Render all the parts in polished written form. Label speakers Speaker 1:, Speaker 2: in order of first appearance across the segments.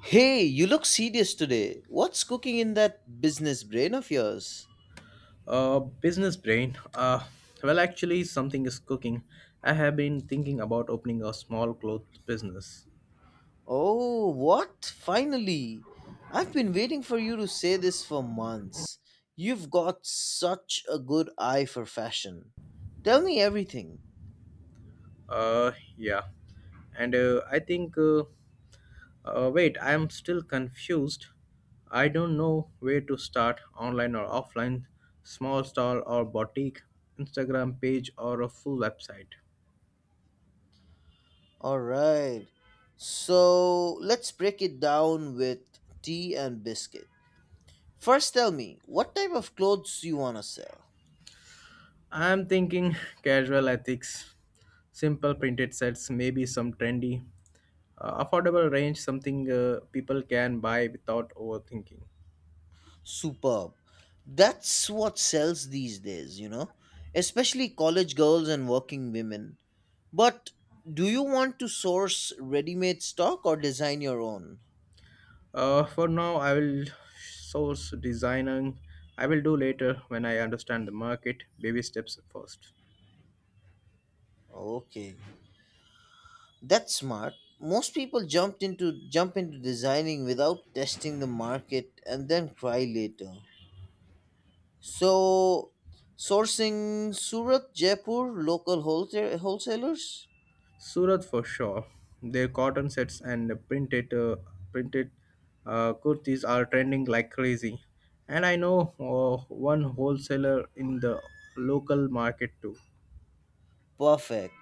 Speaker 1: Hey, you look serious today. What's cooking in that business brain of yours?
Speaker 2: Business brain. Something is cooking. I have been thinking about opening a small cloth business.
Speaker 1: Oh, what? Finally! I've been waiting for you to say this for months. You've got such a good eye for fashion. Tell me everything.
Speaker 2: Uh, yeah, and I think. Wait, I am still confused. I don't know where to start, online or offline, small stall or boutique, Instagram page or a full website.
Speaker 1: Alright. So, let's break it down with tea and biscuit. First, tell me, what type of clothes you want to sell?
Speaker 2: I'm thinking casual ethics, simple printed sets, maybe some trendy, affordable range, something people can buy without overthinking.
Speaker 1: Superb. That's what sells these days, especially college girls and working women. But do you want to source ready made stock or design your own?
Speaker 2: For now, I will source designing. I will do later when I understand the market. Baby steps first.
Speaker 1: Okay. That's smart. Most people jump into designing without testing the market and then cry later. So, sourcing Surat, Jaipur, local wholesalers?
Speaker 2: Surat for sure. Their cotton sets and printed kurtis are trending like crazy, and I know one wholesaler in the local market too.
Speaker 1: Perfect.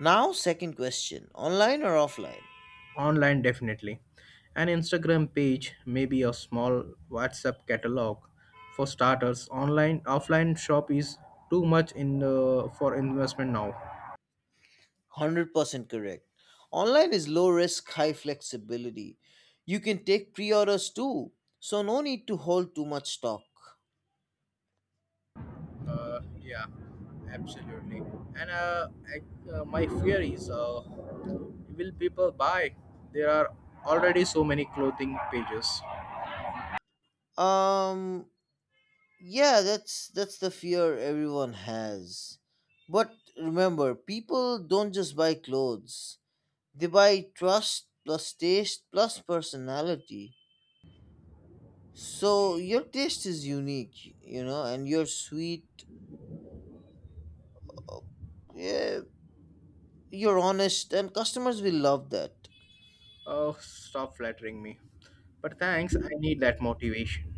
Speaker 1: Now second question. Online or offline?
Speaker 2: Online definitely. An Instagram page, maybe a small WhatsApp catalog for starters. Online offline shop is too much in for investment now.
Speaker 1: 100% correct. Online is low risk, high flexibility. You can take pre orders too, so no need to hold too much stock.
Speaker 2: Yeah, absolutely. and uh, I, my fear is, will people buy? There are already so many clothing pages.
Speaker 1: Um, yeah, that's the fear everyone has. But remember, people don't just buy clothes. They buy trust plus taste plus personality. So your taste is unique, and you're sweet, yeah, you're honest, and customers will love that.
Speaker 2: Oh, stop flattering me, but thanks, I need that motivation.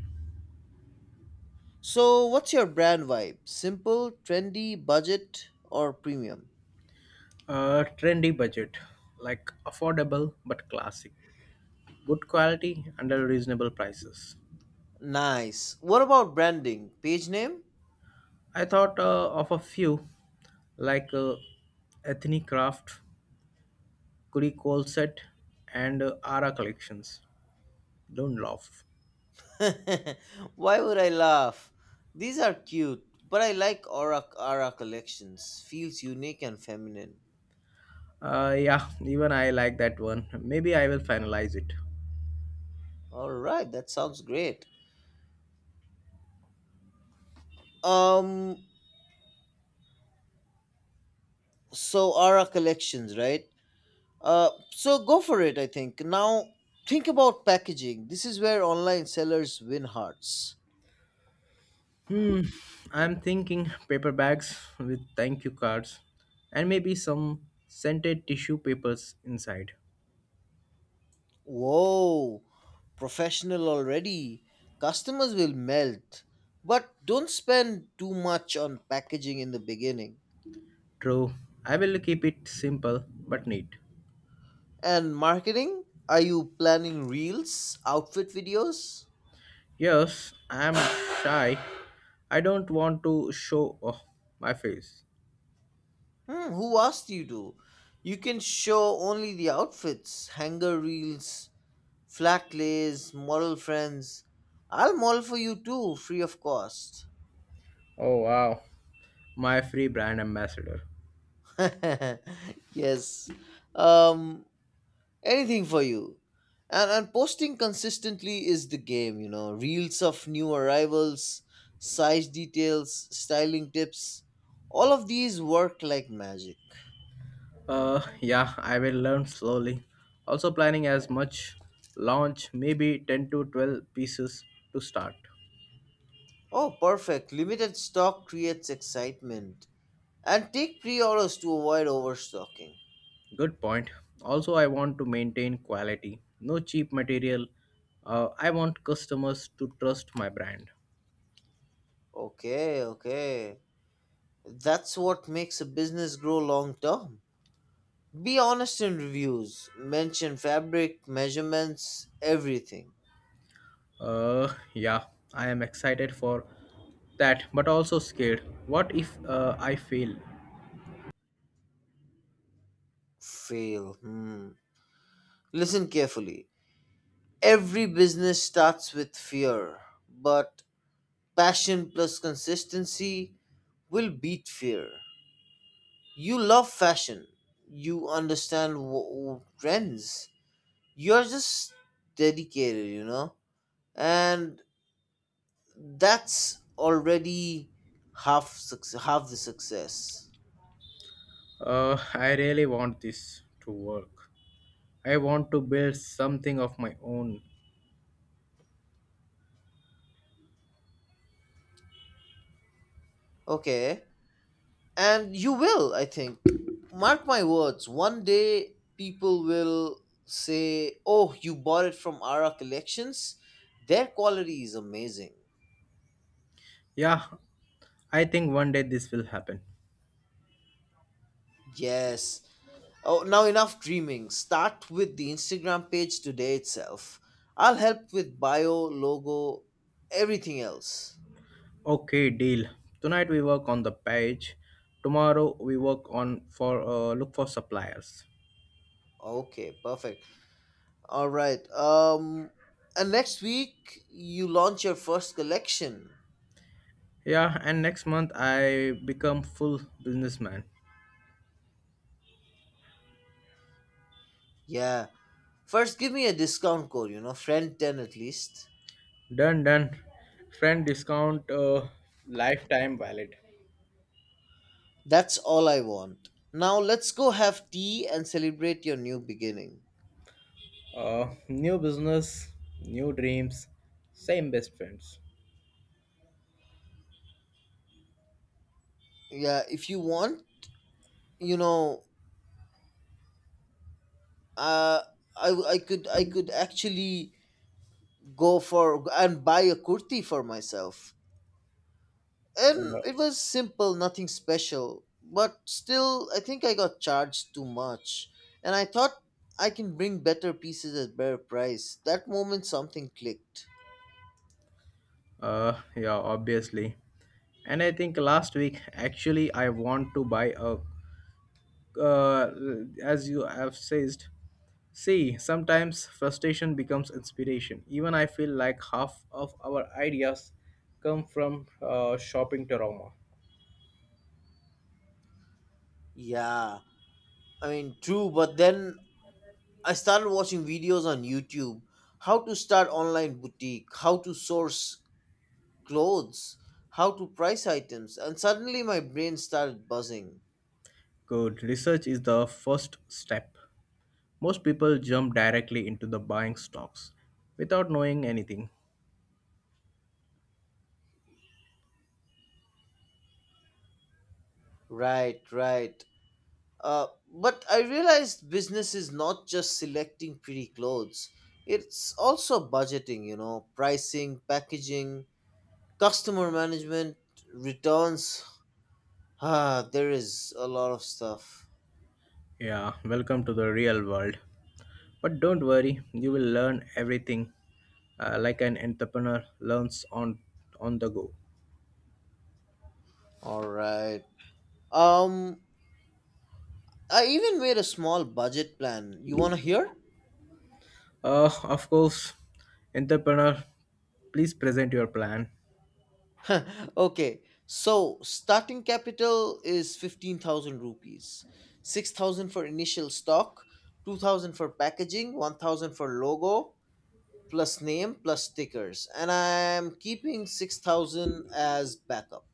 Speaker 1: So, what's your brand vibe? Simple, trendy, budget, or premium?
Speaker 2: Trendy budget, like affordable but classic, good quality and at reasonable prices.
Speaker 1: Nice. What about branding? Page name?
Speaker 2: I thought of a few, like Ethne Craft, Kuri Coal Set, and Ara Collections. Don't laugh.
Speaker 1: Why would I laugh? These are cute, but I like Aura collections. Feels unique and feminine.
Speaker 2: Yeah, even I like that one. Maybe I will finalize it.
Speaker 1: All right, that sounds great. Um, so Aura collections, right? So go for it, I think, now. Think about packaging. This is where online sellers win hearts.
Speaker 2: Hmm, I'm thinking paper bags with thank you cards and maybe some scented tissue papers inside.
Speaker 1: Whoa, professional already. Customers will melt. But don't spend too much on packaging in the beginning.
Speaker 2: True, I will keep it simple but neat.
Speaker 1: And marketing? Are you planning reels, outfit videos?
Speaker 2: Yes, I am shy. I don't want to show off my face.
Speaker 1: Hmm, who asked you to? You can show only the outfits, hanger reels, flat lays, model friends. I'll model for you too, free of cost.
Speaker 2: Oh wow, my free brand ambassador.
Speaker 1: Yes. Um, anything for you, and posting consistently is the game, reels of new arrivals, size details, styling tips, all of these work like magic.
Speaker 2: Yeah, I will learn slowly. Also planning as much launch, maybe 10 to 12 pieces to start.
Speaker 1: Oh, perfect. Limited stock creates excitement, and take pre-orders to avoid overstocking.
Speaker 2: Good point. Also, I want to maintain quality. No cheap material. I want customers to trust my brand.
Speaker 1: Okay, okay, that's what makes a business grow long term. Be honest in reviews, mention fabric measurements, everything.
Speaker 2: Yeah, I am excited for that, but also scared. What if I fail?
Speaker 1: Fail? Hmm. Listen carefully. Every business starts with fear, but passion plus consistency will beat fear. You love fashion, you understand trends, you're just dedicated, and that's already half success, half the success.
Speaker 2: I really want this to work. I want to build something of my own.
Speaker 1: Okay. And you will, I think. Mark my words, one day people will say, "Oh, you bought it from Ara Collections? Their quality is amazing."
Speaker 2: Yeah, I think one day this will happen.
Speaker 1: Yes. Oh, now enough dreaming. Start with the Instagram page today itself. I'll help with bio, logo, everything else.
Speaker 2: Okay, deal. Tonight we work on the page. Tomorrow we work on for look for suppliers.
Speaker 1: Okay, perfect. All right. And next week you launch your first collection.
Speaker 2: Yeah, and next month I become full businessman.
Speaker 1: Yeah. First, give me a discount code, friend 10 at least.
Speaker 2: Done, done. Friend discount, lifetime valid.
Speaker 1: That's all I want. Now, let's go have tea and celebrate your new beginning.
Speaker 2: New business, new dreams, same best friends.
Speaker 1: Yeah, if you want, you know, uh, I, w- I could actually go for and buy a kurti for myself. And
Speaker 2: Uh,
Speaker 1: it was simple, nothing special, but still I think I got charged too much. And I thought I can bring better pieces at better price. That moment something clicked.
Speaker 2: yeah, obviously. And I think last week, actually, I want to buy a. Uh, as you have said, see, sometimes frustration becomes inspiration. Even I feel like half of our ideas come from shopping trauma.
Speaker 1: Yeah, I mean, true, but then I started watching videos on YouTube, how to start online boutique, how to source clothes, how to price items, and suddenly my brain started buzzing.
Speaker 2: Good. Research is the first step. Most people jump directly into the buying stocks without knowing anything.
Speaker 1: Right, right. But I realized business is not just selecting pretty clothes, it's also budgeting, pricing, packaging, customer management, returns. Ah, there is a lot of stuff.
Speaker 2: Yeah, welcome to the real world. But don't worry, you will learn everything, like an entrepreneur learns on the go.
Speaker 1: All right. Um, I even made a small budget plan. You want to hear?
Speaker 2: Of course, entrepreneur, please present your plan.
Speaker 1: Okay. So, starting capital is 15,000 rupees. 6,000 for initial stock, 2,000 for packaging, 1,000 for logo, plus name, plus stickers. And I'm keeping 6,000 as backup.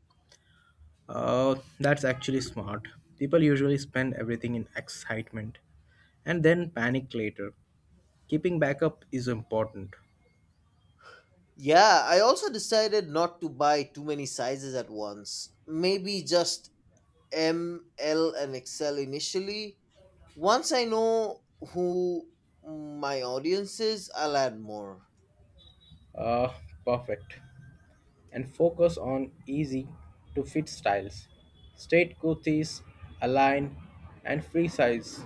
Speaker 2: Uh, that's actually smart. People usually spend everything in excitement and then panic later. Keeping backup is important.
Speaker 1: Yeah, I also decided not to buy too many sizes at once. Maybe just M, L, and XL initially. Once I know who my audience is, I'll add more.
Speaker 2: Uh, Perfect. And focus on easy to fit styles. Straight kurtis, align, and free size.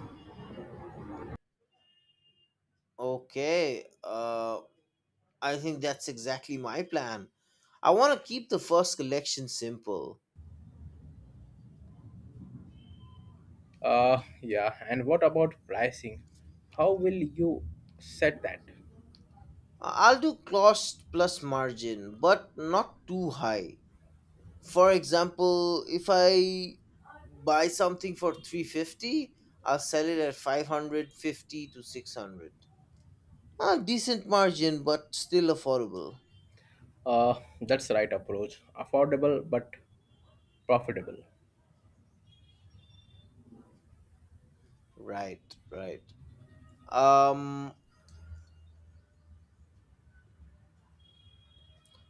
Speaker 1: Okay, I think that's exactly my plan. I want to keep the first collection simple.
Speaker 2: Yeah, and what about pricing? How will you set that?
Speaker 1: I'll do cost plus margin, but not too high. For example, if I buy something for 350, I'll sell it at 550 to 600. A decent margin, but still affordable.
Speaker 2: That's right approach. Affordable but profitable.
Speaker 1: Right, right. Um,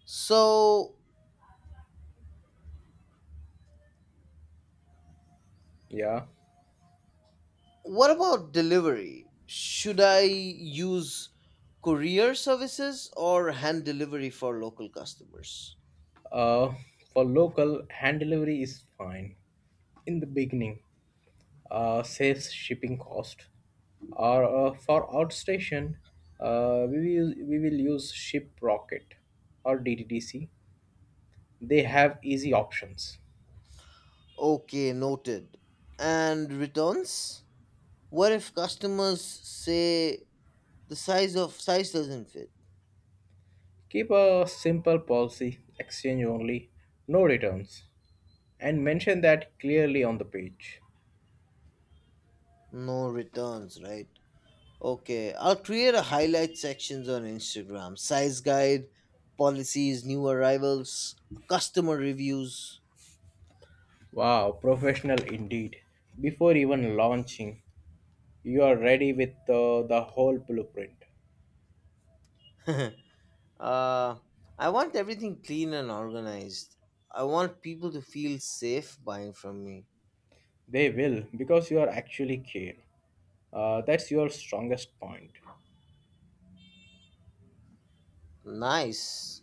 Speaker 1: So,
Speaker 2: Yeah.
Speaker 1: what about delivery? Should I use courier services or hand delivery for local customers?
Speaker 2: Uh, for local, hand delivery is fine in the beginning, saves shipping cost. Or for outstation, we will use Shiprocket or DTDC. They have easy options.
Speaker 1: Okay, noted. And returns? What if customers say the size of size doesn't fit?
Speaker 2: Keep a simple policy, exchange only, no returns, and mention that clearly on the page.
Speaker 1: No returns, right? Okay, I'll create a highlight sections on Instagram. Size guide, policies, new arrivals, customer reviews.
Speaker 2: Wow, professional indeed. Before even launching, you are ready with the whole blueprint.
Speaker 1: Uh, I want everything clean and organized. I want people to feel safe buying from me.
Speaker 2: They will, because you are actually care. That's your strongest point.
Speaker 1: Nice.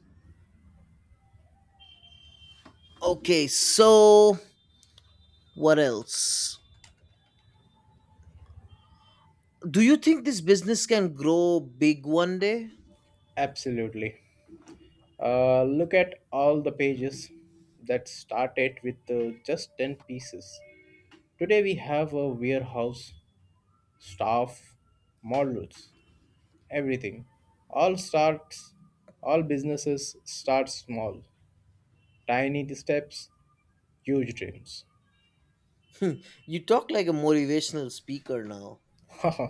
Speaker 1: Okay, so what else? Do you think this business can grow big one day?
Speaker 2: Absolutely. Look at all the pages that started with just 10 pieces. Today we have a warehouse, staff, models, everything. All starts, all businesses start small. Tiny steps, huge dreams.
Speaker 1: You talk like a motivational speaker now.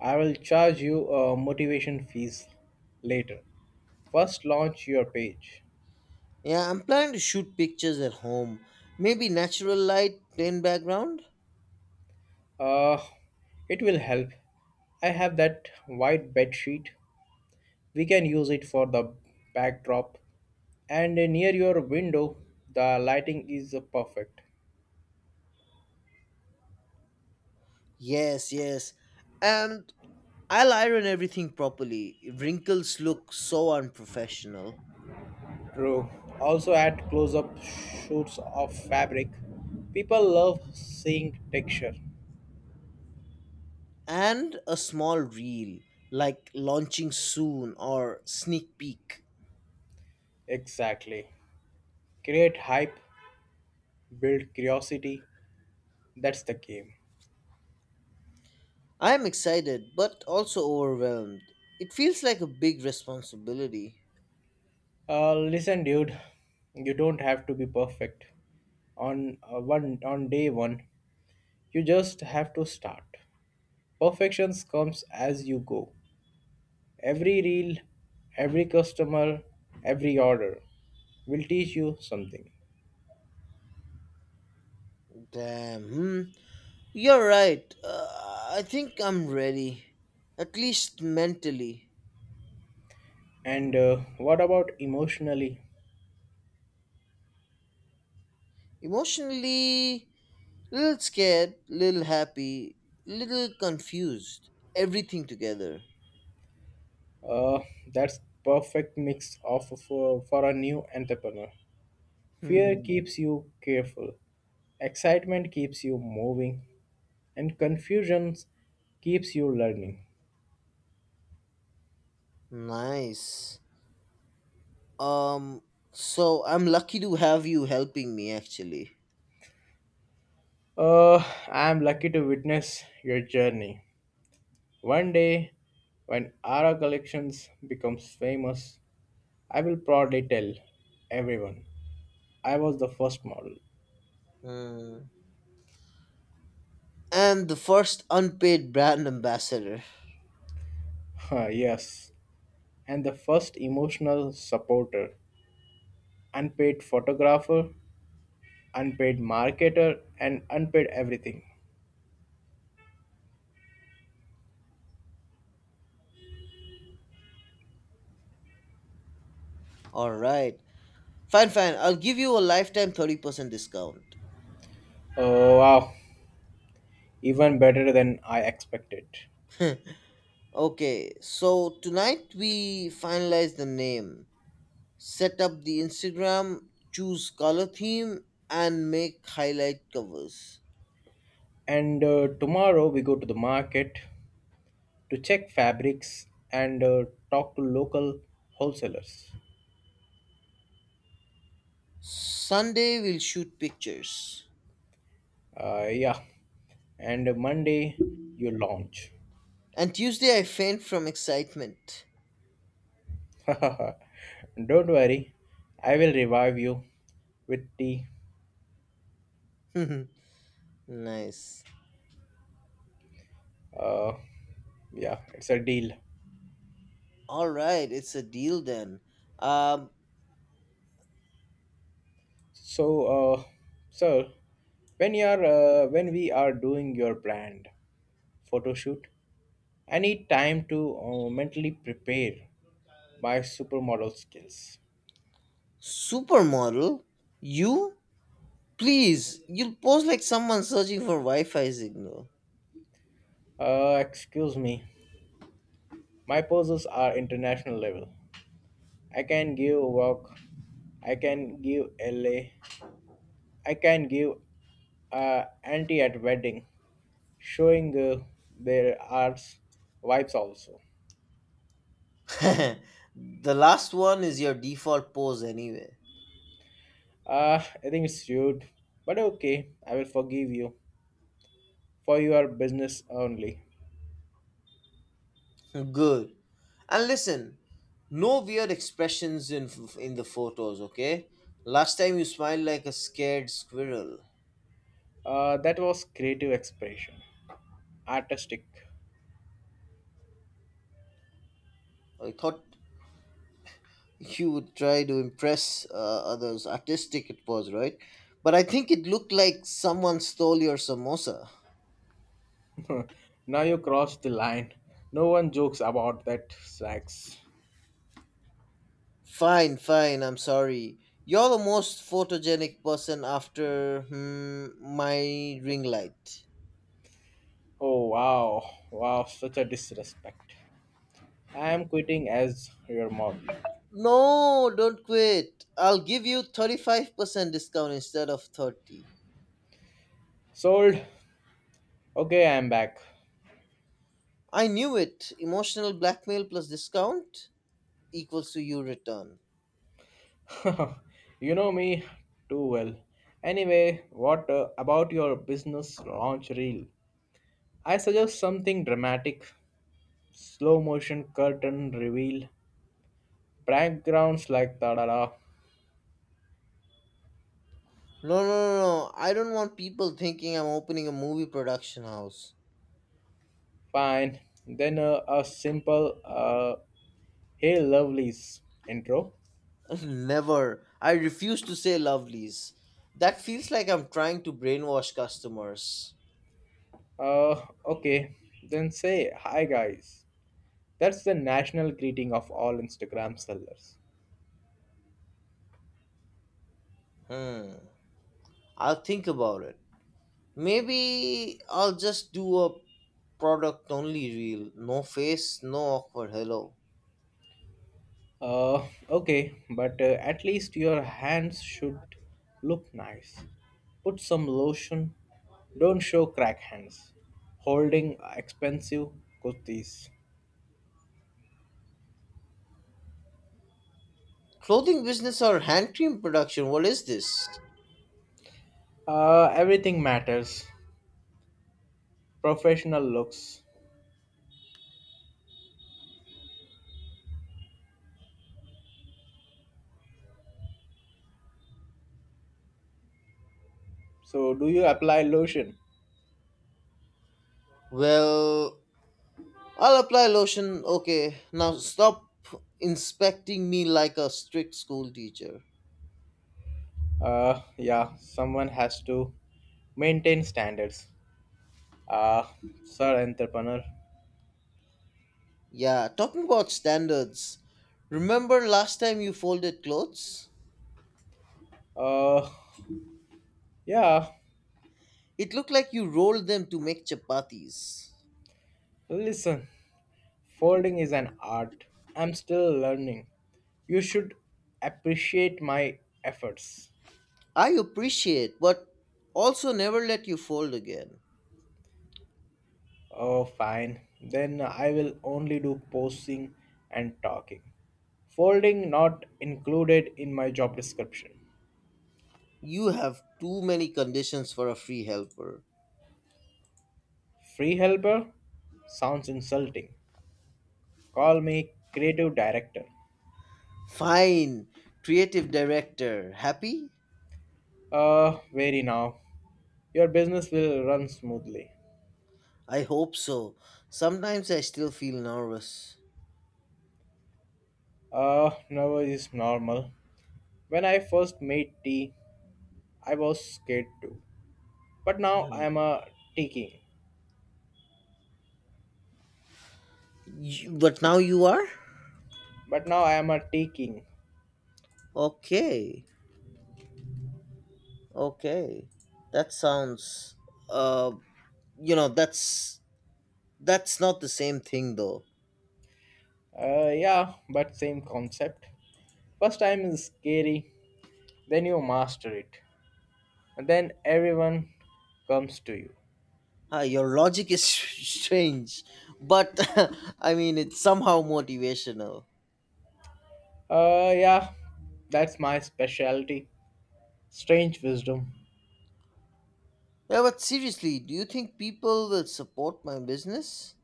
Speaker 2: I will charge you a motivation fees later. First, launch your page.
Speaker 1: Yeah, I'm planning to shoot pictures at home. Maybe natural light, plain background?
Speaker 2: Uh, it will help. I have that white bed sheet. We can use it for the backdrop. And near your window, the lighting is perfect.
Speaker 1: Yes, yes. And I'll iron everything properly. Wrinkles look so unprofessional.
Speaker 2: True. Also, add close up shoots of fabric. People love seeing texture.
Speaker 1: And a small reel, like launching soon or sneak peek.
Speaker 2: Exactly. Create hype, build curiosity. That's the game.
Speaker 1: I am excited but also overwhelmed. It feels like a big responsibility.
Speaker 2: Listen, dude, you don't have to be perfect on day one. You just have to start. Perfections comes as you go. Every reel, every customer, every order will teach you something.
Speaker 1: Damn. Hmm. You're right. I think I'm ready. At least mentally.
Speaker 2: And what about emotionally?
Speaker 1: Emotionally, little scared, little happy, little confused. Everything together.
Speaker 2: Uh, that's perfect mix for a new entrepreneur. Fear
Speaker 1: Hmm.
Speaker 2: keeps you careful. Excitement keeps you moving. And confusions keeps you learning.
Speaker 1: Nice. Um, so I'm lucky to have you helping me actually.
Speaker 2: Uh, I am lucky to witness your journey. One day, when Ara Collections becomes famous, I will proudly tell everyone I was the first model.
Speaker 1: Hmm. And the first unpaid brand ambassador.
Speaker 2: Yes, and the first emotional supporter, unpaid photographer, unpaid marketer, and unpaid everything.
Speaker 1: All right. Fine, fine. I'll give you a lifetime 30% discount.
Speaker 2: Oh wow, even better than I expected.
Speaker 1: Okay, so tonight we finalize the name, set up the Instagram, choose color theme, and make highlight covers.
Speaker 2: And tomorrow we go to the market to check fabrics and talk to local wholesalers.
Speaker 1: Sunday we'll shoot pictures.
Speaker 2: Yeah, and Monday you launch.
Speaker 1: And Tuesday I faint from excitement.
Speaker 2: Don't worry, I will revive you with tea.
Speaker 1: Nice.
Speaker 2: Uh, yeah, it's a deal.
Speaker 1: All right, it's a deal then. Um,
Speaker 2: So, uh, sir, when we are doing your brand photo shoot, I need time to mentally prepare my supermodel skills.
Speaker 1: supermodel, you, please, you pose like someone searching for Wi-Fi signal.
Speaker 2: Excuse me. My poses are international level. I can give walk, I can give LA, I can give anti at wedding, showing their arts vibes also.
Speaker 1: The last one is your default pose anyway.
Speaker 2: I think it's rude, but okay, I will forgive you for your business only.
Speaker 1: Good. And listen, no weird expressions in the photos, okay? Last time you smiled like a scared squirrel.
Speaker 2: That was creative expression, artistic.
Speaker 1: I thought he would try to impress others. Artistic it was, right? But I think it looked like someone stole your samosa.
Speaker 2: Now you crossed the line. No one jokes about that, Snacks.
Speaker 1: Fine, fine, I'm sorry. You're the most photogenic person after, my ring light.
Speaker 2: Oh wow, wow, such a disrespect. I am quitting as your model.
Speaker 1: No, don't quit. I'll give you 35% discount instead of 30.
Speaker 2: Sold. Okay, I am back.
Speaker 1: I knew it. Emotional blackmail plus discount equals to you return.
Speaker 2: You know me too well. Anyway, what about your business launch reel? I suggest something dramatic, slow motion curtain reveal, backgrounds like da da da.
Speaker 1: No, no, no, no. I don't want people thinking I'm opening a movie production house.
Speaker 2: Fine. Then a simple, "Hey lovelies" intro.
Speaker 1: Never. I refuse to say lovelies. That feels like I'm trying to brainwash customers.
Speaker 2: Okay. Then say "Hi guys." That's the national greeting of all Instagram sellers.
Speaker 1: Hmm. I'll think about it. Maybe I'll just do a product only reel. No face, no awkward hello.
Speaker 2: Uh, okay, but at least your hands should look nice. Put some lotion. Don't show crack hands. Holding expensive kurtis.
Speaker 1: Clothing business or hand cream production? What is this?
Speaker 2: Everything matters. Professional looks. So, do you apply lotion?
Speaker 1: Well, I'll apply lotion. Okay, now stop inspecting me like a strict school teacher.
Speaker 2: Yeah, someone has to maintain standards. Uh, Sir, entrepreneur.
Speaker 1: Yeah, talking about standards. Remember last time you folded clothes?
Speaker 2: Uh, yeah,
Speaker 1: It looked like you rolled them to make chapatis.
Speaker 2: listen. Folding is an art. I'm still learning. You should appreciate my efforts.
Speaker 1: I appreciate, but also never let you fold again.
Speaker 2: Oh, fine. Then I will only do posing and talking. Folding not included in my job description.
Speaker 1: You have too many conditions for a free helper.
Speaker 2: Free helper? Sounds insulting. Call me creative director.
Speaker 1: Fine, creative director. Happy?
Speaker 2: Very now. Your business will run smoothly.
Speaker 1: I hope so. Sometimes I still feel nervous.
Speaker 2: Nervous is normal. When I first made tea, I was scared too. But now I
Speaker 1: Hmm.
Speaker 2: am a tea king.
Speaker 1: But now you are?
Speaker 2: But now I am a tea king.
Speaker 1: Okay, okay. That sounds, uh, you know that's that's not the same thing, though.
Speaker 2: Yeah, but same concept. First time is scary, then you master it, and then everyone comes to you.
Speaker 1: Your logic is strange, but I mean, it's somehow motivational.
Speaker 2: Yeah, that's my specialty. Strange wisdom,
Speaker 1: Yeah, but seriously, do you think people will support my business?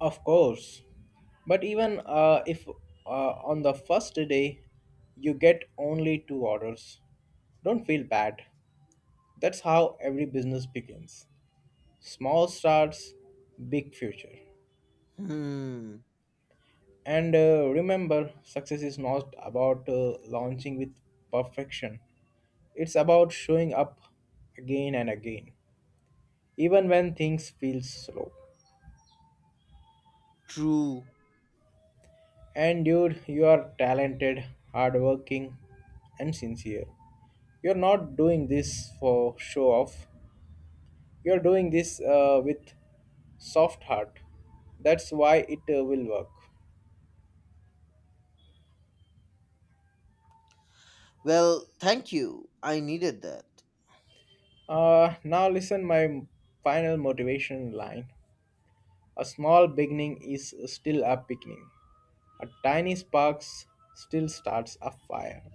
Speaker 2: of course. But even if on the first day you get only two orders, don't feel bad. That's how every business begins. Small starts, big future.
Speaker 1: Hmm.
Speaker 2: And remember, success is not about launching with perfection, it's about showing up again and again, even when things feel slow.
Speaker 1: True.
Speaker 2: And dude, you are talented, hardworking, and sincere. You're not doing this for show off, you're doing this with soft heart. That's why it will work.
Speaker 1: Well, thank you, I needed that.
Speaker 2: Now listen my final motivation line. A small beginning is still a beginning. A tiny spark still starts a fire.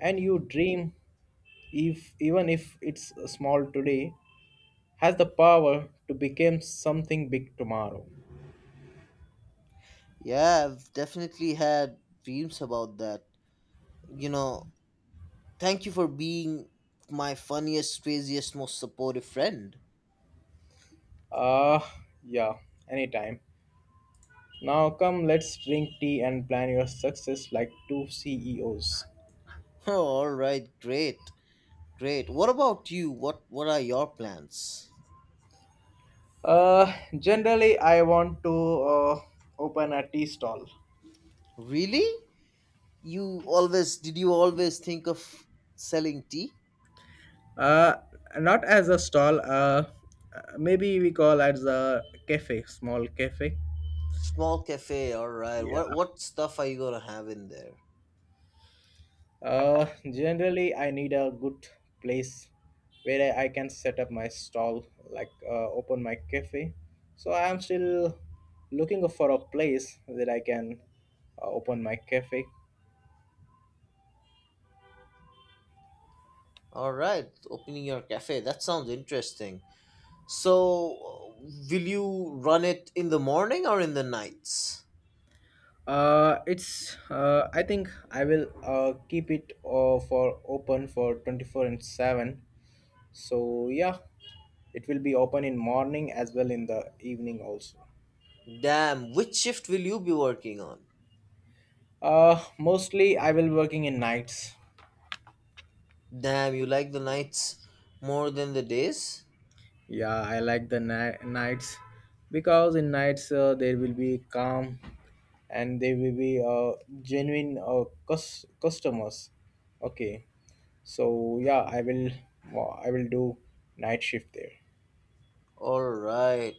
Speaker 2: And your dream, if even if it's small today, has the power to become something big tomorrow.
Speaker 1: Yeah, I've definitely had dreams about that, you know thank you for being my funniest, craziest, most supportive friend.
Speaker 2: Uh yeah, anytime. Now come, let's drink tea and plan your success like two CEOs.
Speaker 1: All right, great. Great. What about you? What are your plans?
Speaker 2: Generally I want to uh, open a tea stall.
Speaker 1: Really? You always think of selling tea?
Speaker 2: Uh, Not as a stall. Maybe we call as a cafe, small cafe.
Speaker 1: Small cafe, all right.
Speaker 2: Yeah.
Speaker 1: What stuff are you going to have in there?
Speaker 2: Generally, I need a good place where I can set up my stall, like open my cafe. So I am still looking for a place that I can open my cafe.
Speaker 1: All right, opening your cafe. That sounds interesting. So, will you run it in the morning or in the nights?
Speaker 2: It's. I think I will keep it for open for 24 and seven. So yeah, it will be open in morning as well in the evening also.
Speaker 1: Damn, which shift will you be working on?
Speaker 2: Mostly I will working in nights.
Speaker 1: Damn, you like the nights more than the days?
Speaker 2: Yeah, I like the nights, because in nights there will be calm, and there will be genuine customers. Okay, so yeah, I will do night shift there.
Speaker 1: All right.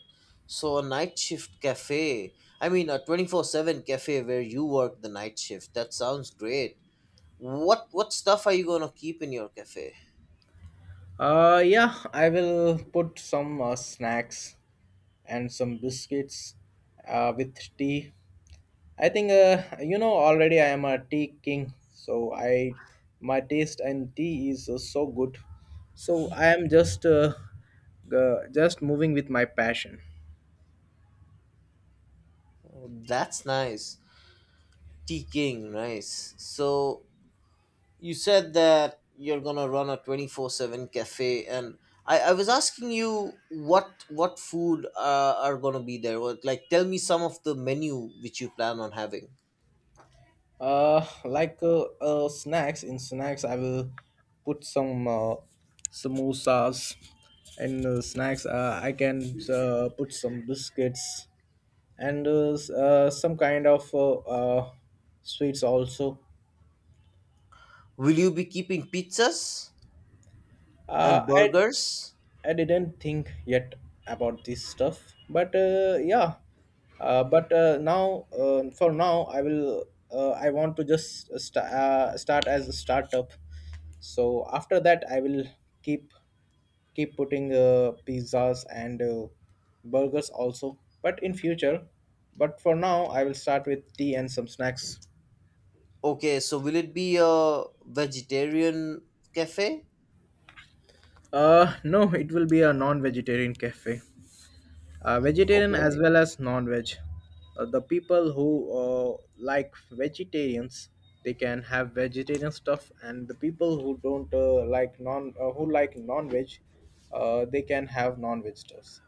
Speaker 1: So a night shift cafe. I mean, a 24/7 cafe where you work the night shift. That sounds great. What stuff are you going to keep in your cafe?
Speaker 2: Yeah, I will put some snacks and some biscuits with tea. I think, you know, already I am a tea king, so I my taste in tea is so good. So I am just just moving with my passion.
Speaker 1: Oh, that's nice. Tea King, nice. So you said that you're going to run a 24/7 cafe, and I was asking you what food are going to be there. What, like, tell me some of the menu which you plan on having.
Speaker 2: Like snacks in snacks, I will put some samosas and snacks. I can put some biscuits and some kind of sweets also.
Speaker 1: Will you be keeping pizzas
Speaker 2: Uh,
Speaker 1: and
Speaker 2: I
Speaker 1: burgers?
Speaker 2: I didn't think yet about this stuff, but yeah. For now, I will. I want to just start as a startup. So after that, I will keep keep putting pizzas and burgers also. But in future, but for now, I will start with tea and some snacks.
Speaker 1: Okay, so will it be a vegetarian cafe?
Speaker 2: No, it will be a non-vegetarian cafe. Vegetarian as
Speaker 1: Okay.
Speaker 2: well as non-veg. The people who like vegetarians, they can have vegetarian stuff, and the people who don't who like non-veg, they can have non-veg stuffs.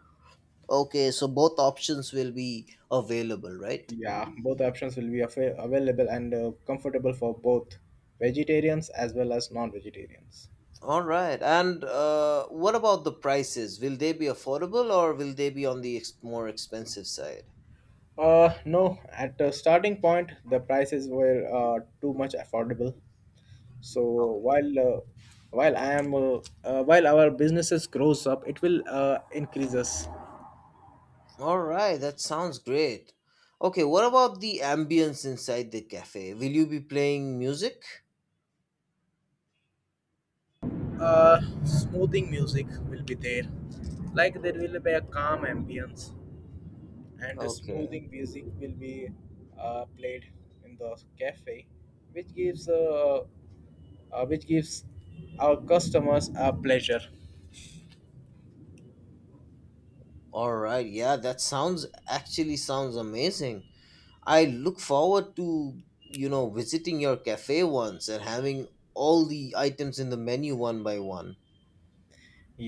Speaker 1: Okay, so both options will be available, right?
Speaker 2: Yeah, both options will be available and comfortable for both vegetarians as well as non-vegetarians.
Speaker 1: All right. And what about the prices? Will they be affordable, or will they be on the more expensive side?
Speaker 2: No, at the starting point, the prices were too much affordable. So
Speaker 1: Okay.
Speaker 2: while uh, while I am while our businesses grows up, it will increase us.
Speaker 1: All right, that sounds great. Okay, what about the ambience inside the cafe? Will you be playing music?
Speaker 2: Smoothing music will be there, like there will be a calm ambience, and the
Speaker 1: Okay.
Speaker 2: smoothing music will be played in the cafe, which gives uh, which gives our customers a pleasure.
Speaker 1: All right. Yeah, that sounds actually sounds amazing. I look forward to, visiting your cafe once and having all the items in the menu one by one.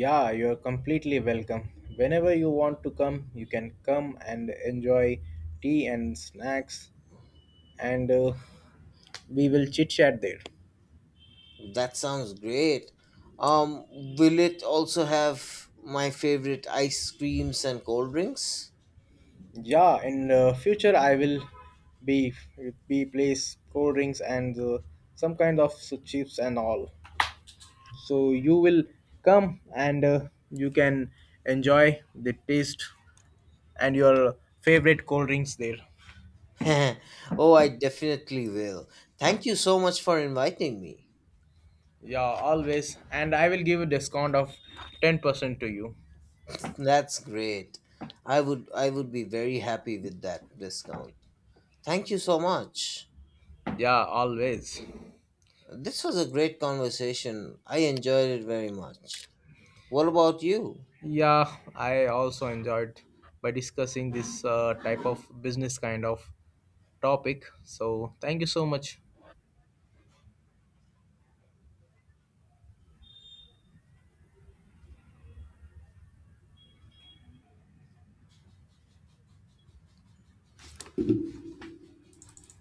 Speaker 2: Yeah, you're completely welcome. Whenever you want to come, you can come and enjoy tea and snacks, and we will chit chat there.
Speaker 1: That sounds great. Um, will it also have my favorite ice creams and cold drinks?
Speaker 2: Yeah, in future I will be be place cold drinks and some kind of s- chips and all. So you will come and you can enjoy the taste and your favorite cold drinks there.
Speaker 1: Oh, I definitely will. Thank you so much for inviting me.
Speaker 2: Yeah, always. And I will give a discount of 10% to you.
Speaker 1: That's great. I would be very happy with that discount. Thank you so much.
Speaker 2: Yeah, always.
Speaker 1: This was a great conversation. I enjoyed it very much. What about you?
Speaker 2: Yeah, I also enjoyed by discussing this type of business kind of topic. So, thank you so much.